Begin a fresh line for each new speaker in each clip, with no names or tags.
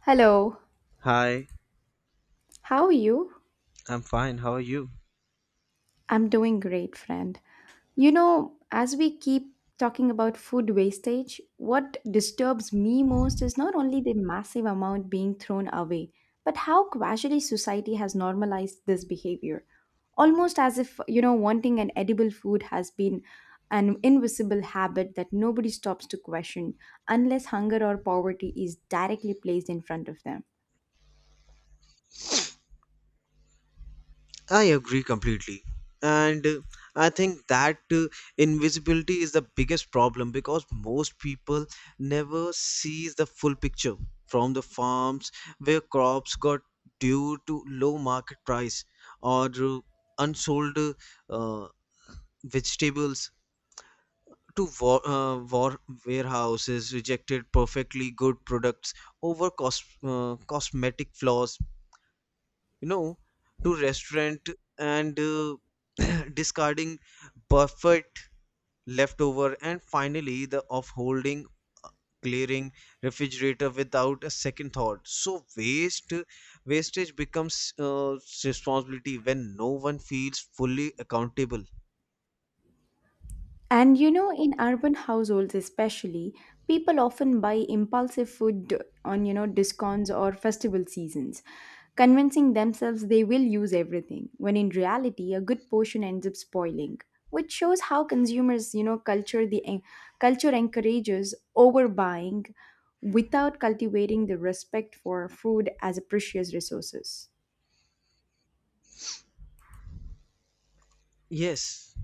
Hello,
Hi,
how are you?
I'm fine. How are you?
I'm doing great, friend. You know, as we keep talking about food wastage, what disturbs me most is not only the massive amount being thrown away, but how casually society has normalized this behavior. Almost as if, you know, wanting an edible food has been an invisible habit that nobody stops to question unless hunger or poverty is directly placed in front of them.
I agree completely. And I think that Invisibility is the biggest problem because most people never sees the full picture from the farms where crops got due to low market price or unsold uh, vegetables to warehouses rejected perfectly good products over cosmetic flaws you know to restaurant and discarding buffet leftover, and finally the offholding, uh, clearing refrigerator without a second thought. So waste wastage becomes responsibility when no one feels fully accountable.
And you know, in urban households especially, people often buy impulsive food on, you know, discounts or festival seasons, convincing themselves they will use everything, when in reality, a good portion ends up spoiling, which shows how consumers, you know, culture encourages overbuying without cultivating the respect for food as a precious resources.
Yes,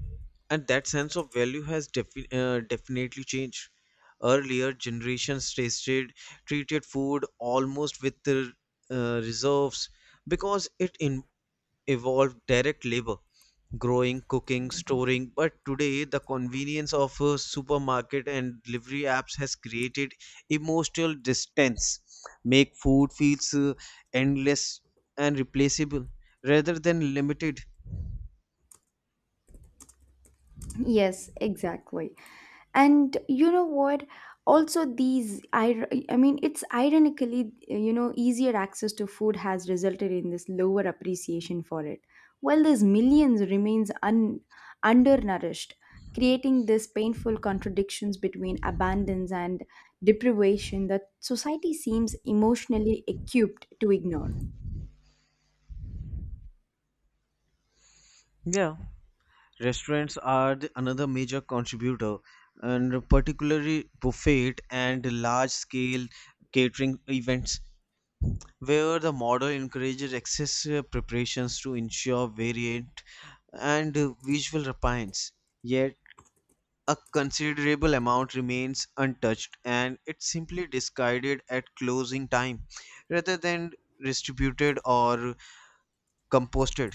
and that sense of value has definitely changed. Earlier generations tasted treated food almost with the reserves because it evolved direct labor, growing, cooking, storing. But today, the convenience of a supermarket and delivery apps has created emotional distance, make food feels endless and replaceable rather than limited.
Yes, exactly. And you know what? Also, these, it's ironically, you know, easier access to food has resulted in this lower appreciation for it, while this millions remains undernourished, creating this painful contradictions between abundance and deprivation that society seems emotionally equipped to ignore.
Yeah. Restaurants are another major contributor, and particularly buffet and large-scale catering events, where the model encourages excessive preparations to ensure variant and visual appearance. Yet, a considerable amount remains untouched, and it's simply discarded at closing time rather than distributed or composted.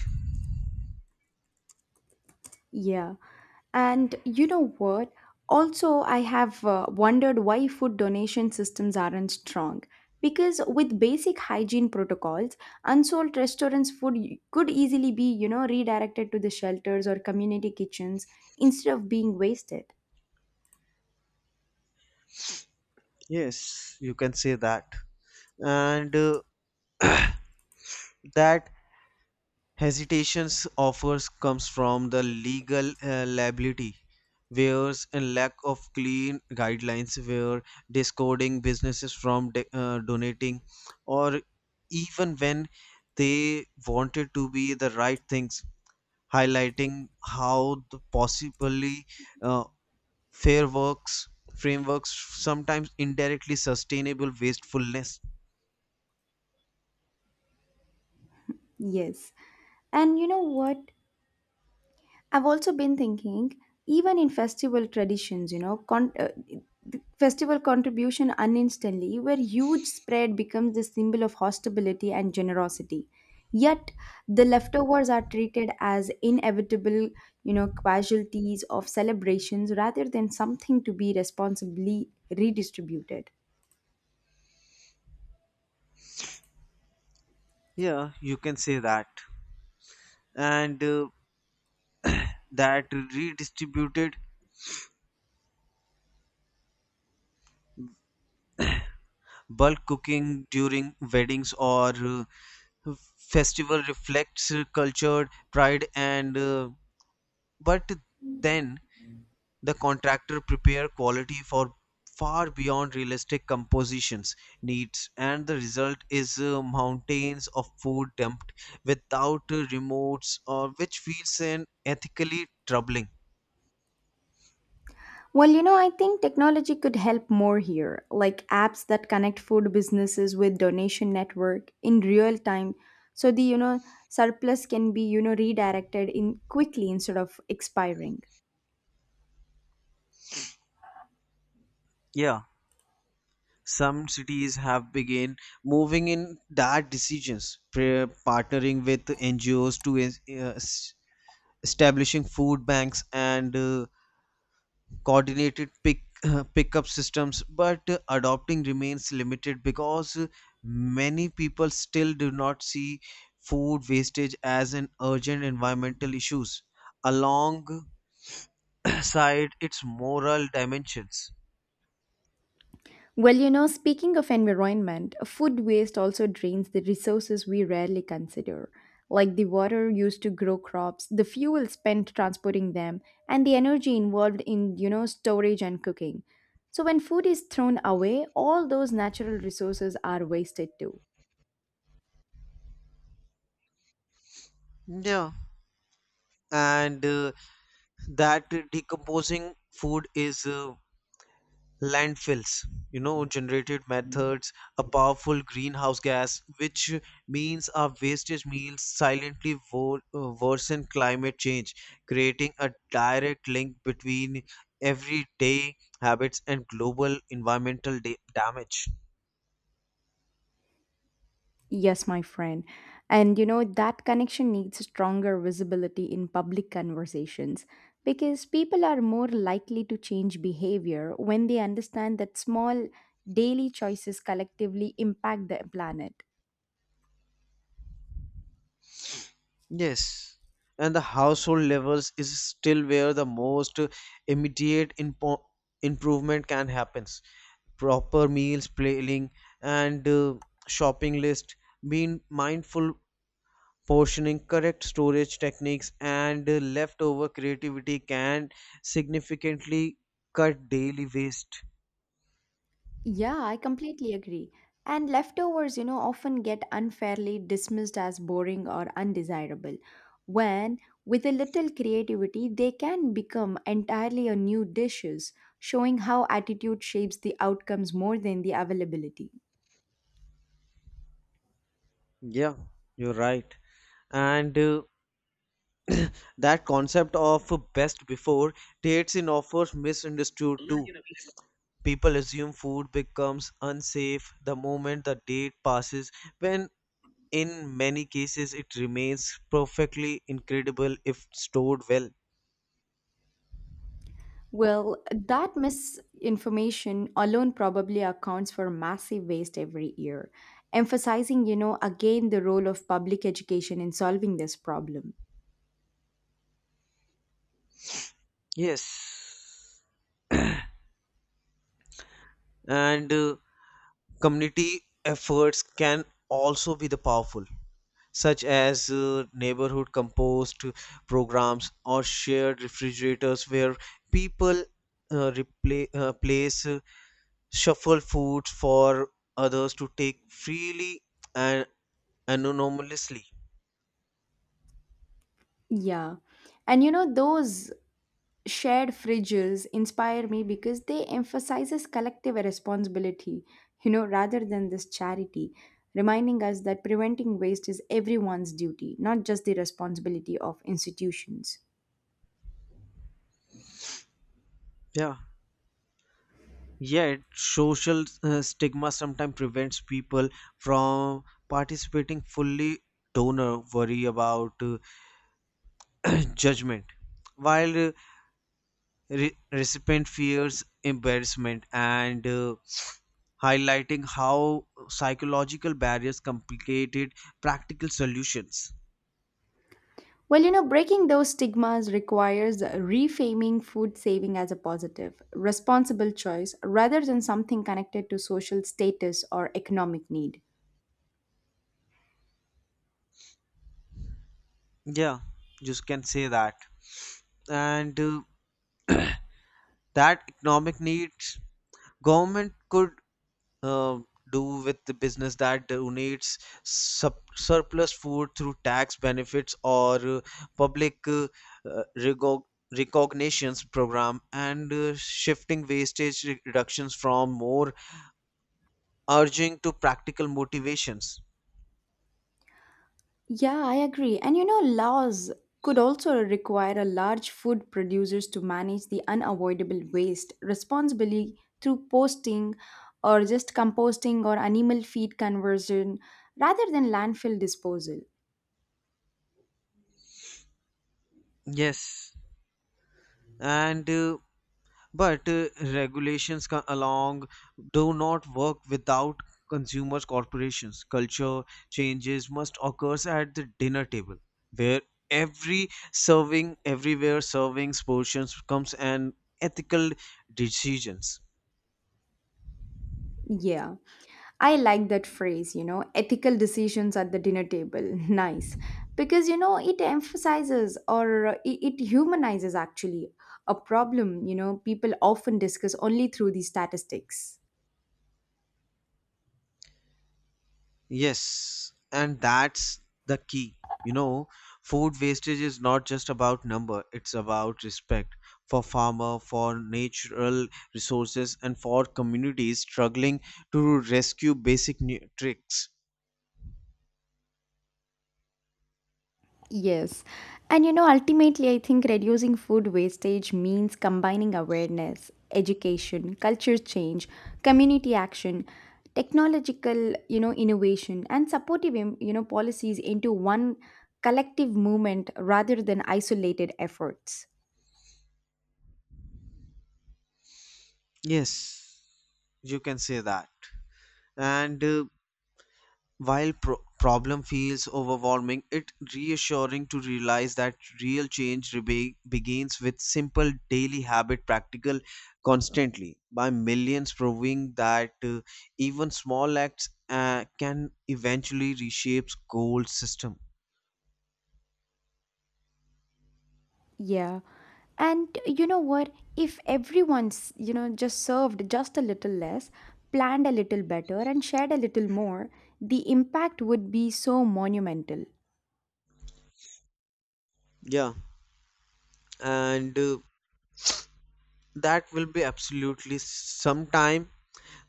Yeah. And you know what? Also, I have wondered why food donation systems aren't strong. Because with basic hygiene protocols, unsold restaurants' food could easily be, you know, redirected to the shelters or community kitchens instead of being wasted.
Yes, you can say that. And That hesitations offers comes from the legal liability wares and lack of clean guidelines where discording businesses from donating, or even when they wanted to be the right things, highlighting how the possibly uh, fair works frameworks sometimes indirectly sustainable wastefulness.
Yes. And you know what? I've also been thinking, even in festival traditions, you know, the festival contribution uninstantly, where huge spread becomes the symbol of hospitality and generosity. Yet the leftovers are treated as inevitable, you know, casualties of celebrations rather than something to be responsibly redistributed.
Yeah, you can say that. And That redistributed bulk cooking during weddings or festival reflects culture, pride, and but then the contractor prepare quality for far beyond realistic compositions needs, and the result is mountains of food dumped without remotes, or which feels an ethically troubling.
Well, you know, I think technology could help more here, like apps that connect food businesses with donation network in real time so the, you know, surplus can be, you know, redirected in quickly instead of expiring.
Yeah, some cities have begun moving in that decisions, partnering with NGOs to establishing food banks and coordinated pick pickup systems, but adopting remains limited because many people still do not see food wastage as an urgent environmental issues alongside its moral dimensions.
Well, you know, speaking of environment, food waste also drains the resources we rarely consider, like the water used to grow crops, the fuel spent transporting them, and the energy involved in, you know, storage and cooking. So when food is thrown away, all those natural resources are wasted too.
Yeah and uh, That decomposing food is landfills, you know, generated methods, a powerful greenhouse gas, which means our wastage meals silently worsen climate change, creating a direct link between everyday habits and global environmental damage.
Yes, my friend. And you know, that connection needs stronger visibility in public conversations because people are more likely to change behavior when they understand that small daily choices collectively impact the planet.
Yes, and the household levels is still where the most immediate improvement can happen. Proper meals planning and shopping list, being mindful portioning, correct storage techniques, and leftover creativity can significantly cut daily waste.
Yeah, I completely agree. And leftovers, you know, often get unfairly dismissed as boring or undesirable, when with a little creativity, they can become entirely a new dishes, showing how attitude shapes the outcomes more than the availability.
Yeah, you're right. And That concept of best before dates in offers misunderstood too. People assume food becomes unsafe the moment the date passes, when in many cases it remains perfectly incredible if stored well.
Well, that misinformation alone probably accounts for massive waste every year, emphasizing, you know, again the role of public education in solving this problem.
Yes. And Community efforts can also be the powerful, such as neighborhood compost programs or shared refrigerators where people place shuffle foods for others to take freely and anonymously.
Yeah. And you know, those shared fridges inspire me because they emphasizes collective responsibility, you know, rather than this charity, reminding us that preventing waste is everyone's duty, not just the responsibility of institutions.
Yeah. Yet, social stigma sometimes prevents people from participating fully. Donor worry about judgment, while recipient fears embarrassment, and highlighting how psychological barriers complicated practical solutions.
Well, you know, breaking those stigmas requires reframing food saving as a positive responsible choice rather than something connected to social status or economic need.
Yeah, just can say that. And That economic needs government could uh, do with the business that donates surplus food through tax benefits or public uh, recog- recognitions program, and shifting wastage reductions from more urging to practical motivations.
Yeah, I agree. And you know, laws could also require a large food producers to manage the unavoidable waste responsibly through posting or just composting or animal feed conversion rather than landfill disposal.
Yes and uh, But regulations along do not work without consumers corporations. Culture changes must occur at the dinner table, where every serving everywhere servings portions comes an ethical decisions.
Yeah, I like that phrase, you know, ethical decisions at the dinner table. Nice. Because, you know, it emphasizes or it humanizes actually a problem, you know, people often discuss only through the statistics.
Yes, and that's the key. You know, food wastage is not just about number, it's about respect for farmer, for natural resources, and for communities struggling to rescue basic tricks.
Yes. And you know, ultimately, I think reducing food wastage means combining awareness, education, culture change, community action, technological, you know, innovation, and supportive, you know, policies into one collective movement rather than isolated efforts.
Yes, you can say that. And While problem feels overwhelming, it reassuring to realize that real change begins with simple daily habit practical constantly by millions, proving that even small acts can eventually reshape goal system.
Yeah. And you know what? If everyone's, you know, just served just a little less, planned a little better, and shared a little more, the impact would be so monumental.
Yeah, and that will be absolutely sometime.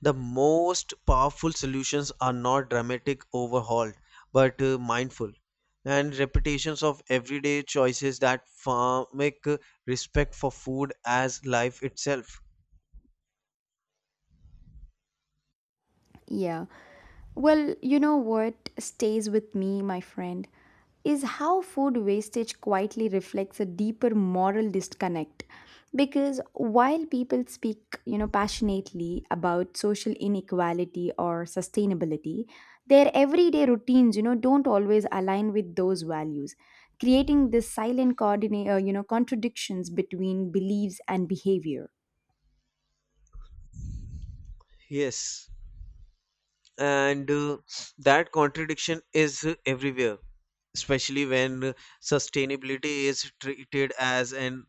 The most powerful solutions are not dramatic overhaul, but mindful and repetitions of everyday choices that make respect for food as life itself.
Yeah. Well, you know what stays with me, my friend, is how food wastage quietly reflects a deeper moral disconnect. Because while people speak, you know, passionately about social inequality or sustainability, their everyday routines, you know, don't always align with those values, creating this silent you know, contradictions between beliefs and behavior.
Yes, and that contradiction is everywhere, especially when sustainability is treated as an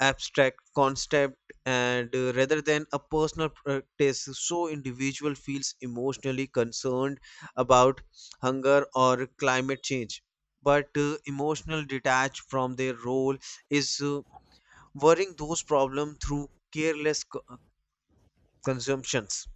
abstract concept and rather than a personal practice, so individual feels emotionally concerned about hunger or climate change, but emotional detached from their role is worrying those problems through careless consumptions.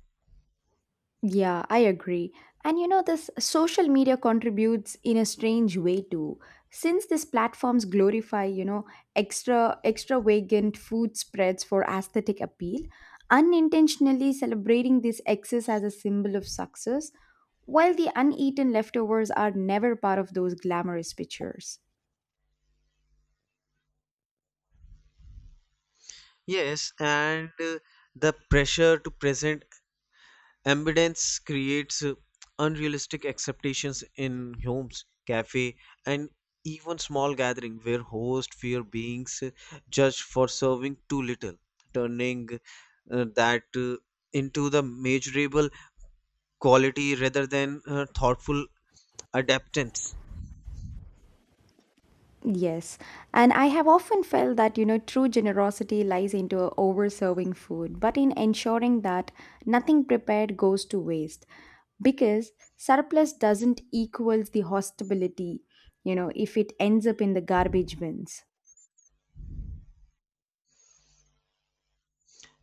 Yeah, I agree. And you know, this social media contributes in a strange way too. Since these platforms glorify, you know, extravagant food spreads for aesthetic appeal, unintentionally celebrating this excess as a symbol of success, while the uneaten leftovers are never part of those glamorous pictures.
Yes, and the pressure to present ambidance creates unrealistic expectations in homes, cafe, and even small gathering where hosts fear being judged for serving too little, turning that into the measurable quality rather than thoughtful adaptance.
Yes, and I have often felt that you know true generosity lies into over-serving food, but in ensuring that nothing prepared goes to waste, because surplus doesn't equals the hostility, you know, if it ends up in the garbage bins.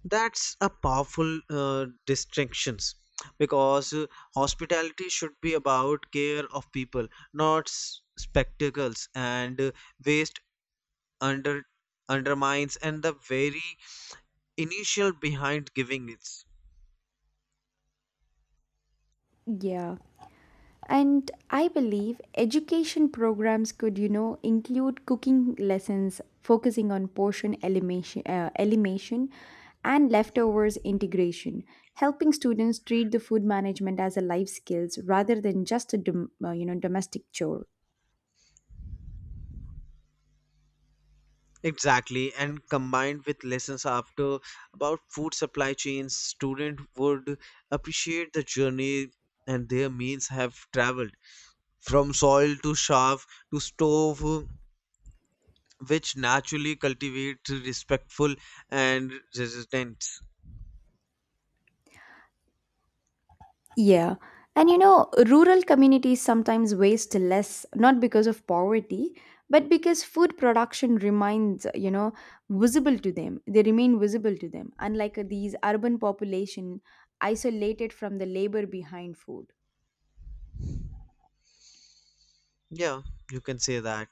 That's a powerful distinction, because hospitality should be about care of people, not spectacles, and waste under undermines and the very initial behind giving it's
Yeah. And I believe education programs could, you know, include cooking lessons focusing on elimination and leftovers integration, helping students treat the food management as a life skills rather than just a you know, domestic chore.
exactly. And combined with lessons after about food supply chains, student would appreciate the journey and their means have traveled from soil to shelf to stove, which naturally cultivate respectful and resistance.
Yeah. And you know, rural communities sometimes waste less, not because of poverty, but because food production remains, you know, visible to them. They remain visible to them, unlike these urban population isolated from the labor behind food.
Yeah, you can say that.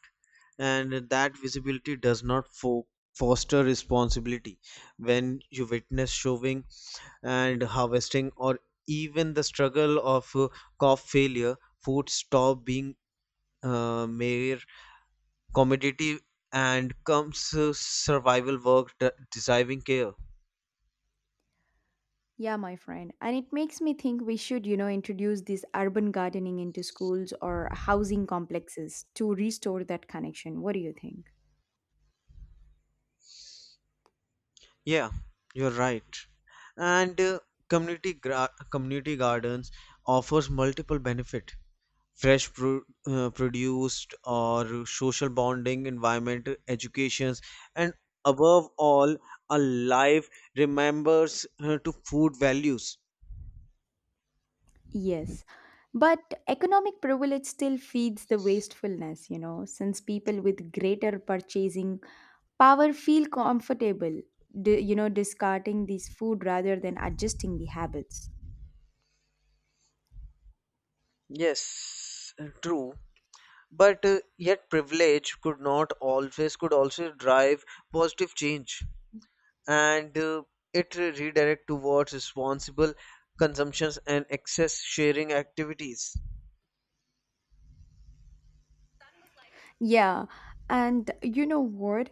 And that visibility does not foster responsibility. When you witness shoving and harvesting, or even the struggle of crop failure, food stop being mere commodity and comes survival work deserving care.
Yeah, my friend. And it makes me think we should, you know, introduce this urban gardening into schools or housing complexes to restore that connection. What do you think?
Yeah, you're right. And Community community gardens offers multiple benefit. Fresh produced or social bonding, environmental educations, and above all, a life remembers to food values.
Yes. But economic privilege still feeds the wastefulness, you know, since people with greater purchasing power feel comfortable, you know, discarding these food rather than adjusting the habits.
Yes, true. But yet privilege could not always could also drive positive change. And it redirect towards responsible consumptions and excess sharing activities.
Yeah, and you know what?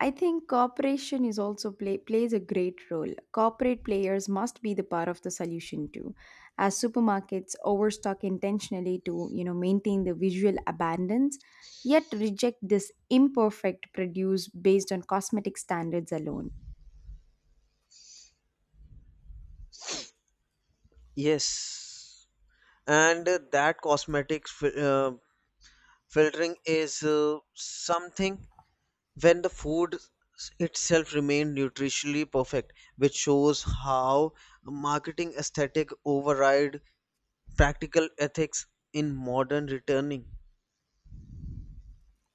I think cooperation is also plays a great role. Corporate players must be the part of the solution too, as supermarkets overstock intentionally to you know maintain the visual abundance, yet reject this imperfect produce based on cosmetic standards alone.
Yes, and that cosmetic filtering is something, when the food itself remained nutritionally perfect, which shows how marketing aesthetic override practical ethics in modern returning.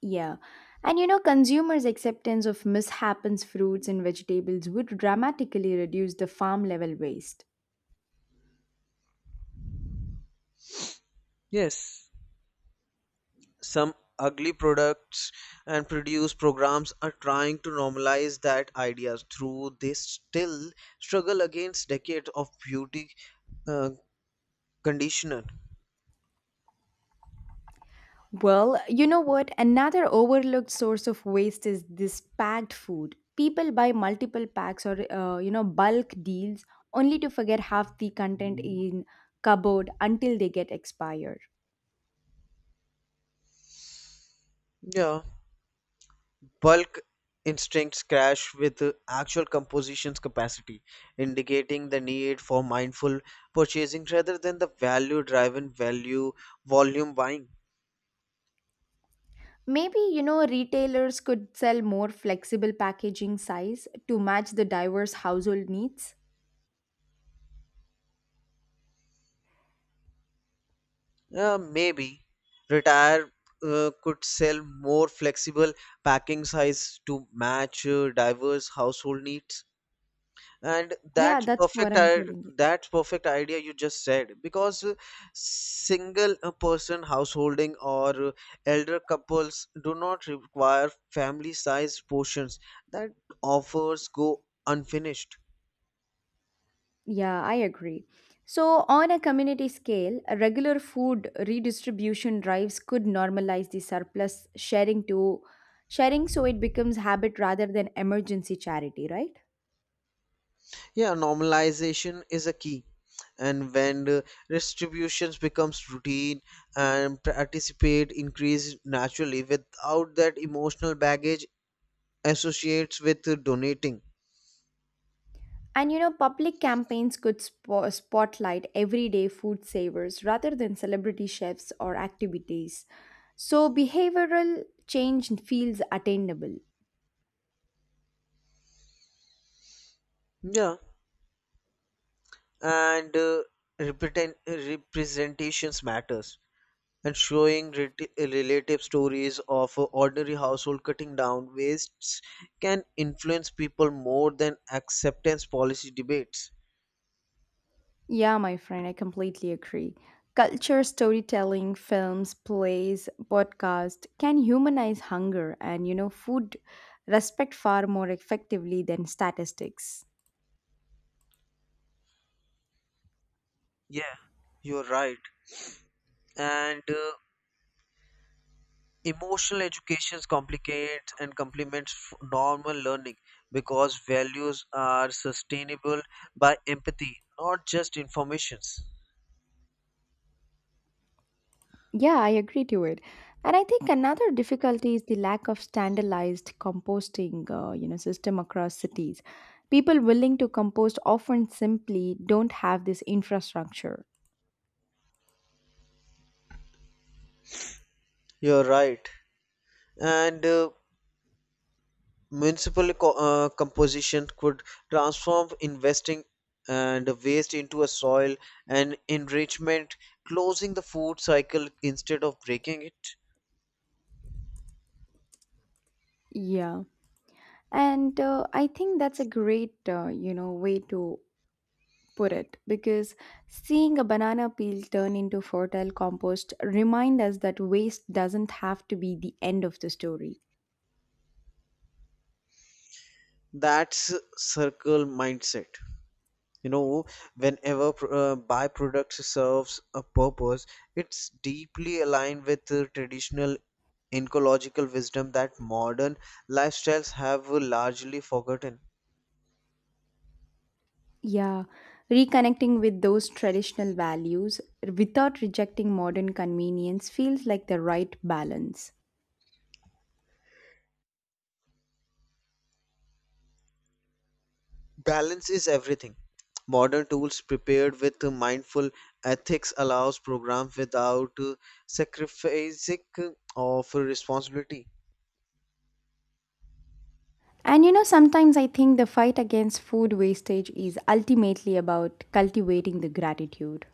Yeah, and you know consumers' acceptance of mishappens fruits and vegetables would dramatically reduce the farm level waste.
Yes, some ugly products and produce programs are trying to normalize that ideas, through they still struggle against decades of beauty uh, conditioner.
Well, you know what? Another overlooked source of waste is this packed food. People buy multiple packs or you know, bulk deals only to forget half the content in cupboard until they get expired.
Yeah, bulk instincts crash with actual composition's capacity, indicating the need for mindful purchasing rather than the value driven value volume buying.
Maybe you know retailers could sell more flexible packaging size to match the diverse household needs.
Maybe retire could sell more flexible packing size to match diverse household needs. And
Yeah,
that's
that's what
perfect.
I'm telling you.
That's perfect idea you just said, because single person householding, or elder couples do not require family size portions that offers go unfinished.
Yeah, I agree. So, on a community scale, a regular food redistribution drives could normalize the surplus sharing to sharing so it becomes habit rather than emergency charity, right?
Yeah, normalization is a key. And when the distributions becomes routine and participate increase naturally without that emotional baggage associates with donating.
And you know, public campaigns could spotlight everyday food savers rather than celebrity chefs or activities. So, behavioral change feels attainable.
Yeah, and representations matters. And showing relative stories of ordinary household cutting down wastes can influence people more than acceptance policy debates.
Yeah, my friend, I completely agree. Culture, storytelling, films, plays, podcast can humanize hunger and, you know, food respect far more effectively than statistics.
Yeah, you're right. And Emotional education complicates and complements normal learning because values are sustainable by empathy, not just informations.
Yeah, I agree to it. And I think another difficulty is the lack of standardized composting, you know, system across cities. People willing to compost often simply don't have this infrastructure.
You're right. And municipal composition could transform investing and waste into a soil and enrichment, closing the food cycle instead of breaking it.
Yeah. And I think that's a great, you know, way to put it because seeing a banana peel turn into fertile compost remind us that waste doesn't have to be the end of the story.
That's circle mindset. You know, whenever byproduct serves a purpose, it's deeply aligned with the traditional ecological wisdom that modern lifestyles have largely forgotten.
Yeah, reconnecting with those traditional values without rejecting modern convenience feels like the right balance.
Balance is everything. Modern tools prepared with mindful ethics allows programs without sacrificing of responsibility.
And you know, sometimes I think the fight against food wastage is ultimately about cultivating the gratitude.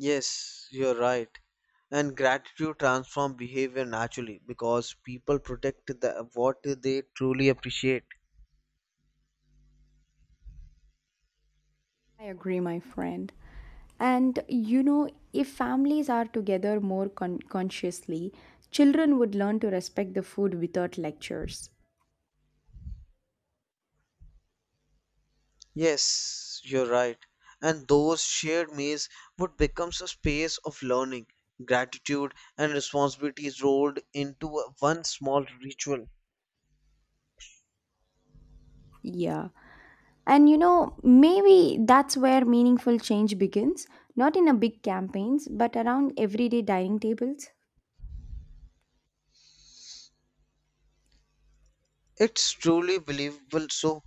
Yes, you're right. And gratitude transforms behavior naturally, because people protect the, what they truly appreciate.
I agree, my friend. And you know, if families are together more consciously, children would learn to respect the food without lectures.
Yes, you're right. And those shared meals would become a space of learning, gratitude, and responsibilities rolled into one small ritual.
Yeah. And you know, maybe that's where meaningful change begins, not in a big campaigns, but around everyday dining tables.
It's truly believable so,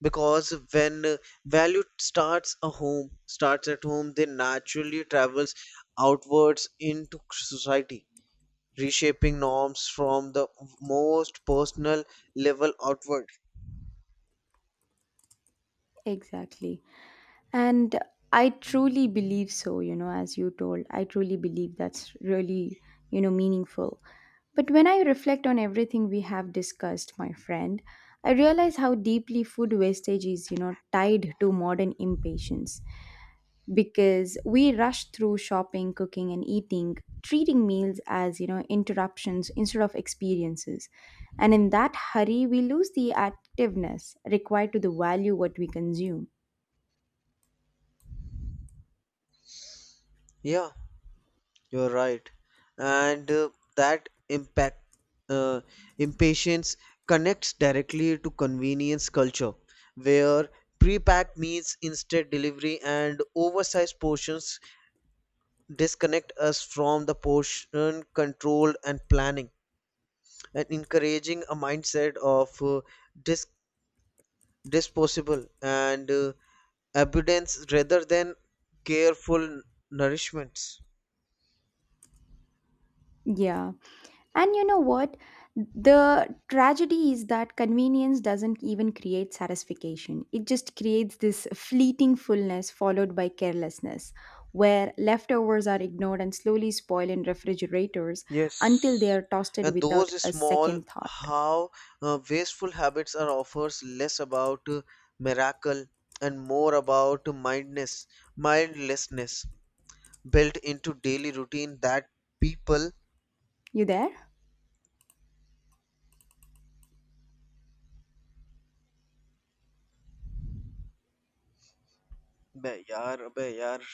because when value starts at home, then naturally travels outwards into society, reshaping norms from the most personal level outward.
Exactly. And I truly believe so, you know, as you told. I truly believe that's really, you know, meaningful. But when I reflect on everything we have discussed, my friend, I realize how deeply food wastage is, you know, tied to modern impatience. Because we rush through shopping, cooking, and eating, treating meals as, you know, interruptions instead of experiences. And in that hurry, we lose the activeness required to the value what we consume.
Yeah, you're right. And That impact uh, impatience connects directly to convenience culture, where pre-packed meals, instant delivery, and oversized portions disconnect us from the portion control and planning, and encouraging a mindset of dis- disposable, and abundance rather than careful nourishments.
Yeah. And you know what? The tragedy is that convenience doesn't even create satisfaction. It just creates this fleeting fullness followed by carelessness, where leftovers are ignored and slowly spoil in refrigerators until they
Yes,
are toasted
and
without
those
a
small,
second thought.
how wasteful habits are offers less about miracle and more about mindlessness built into daily routine that people.
You there?
बे यार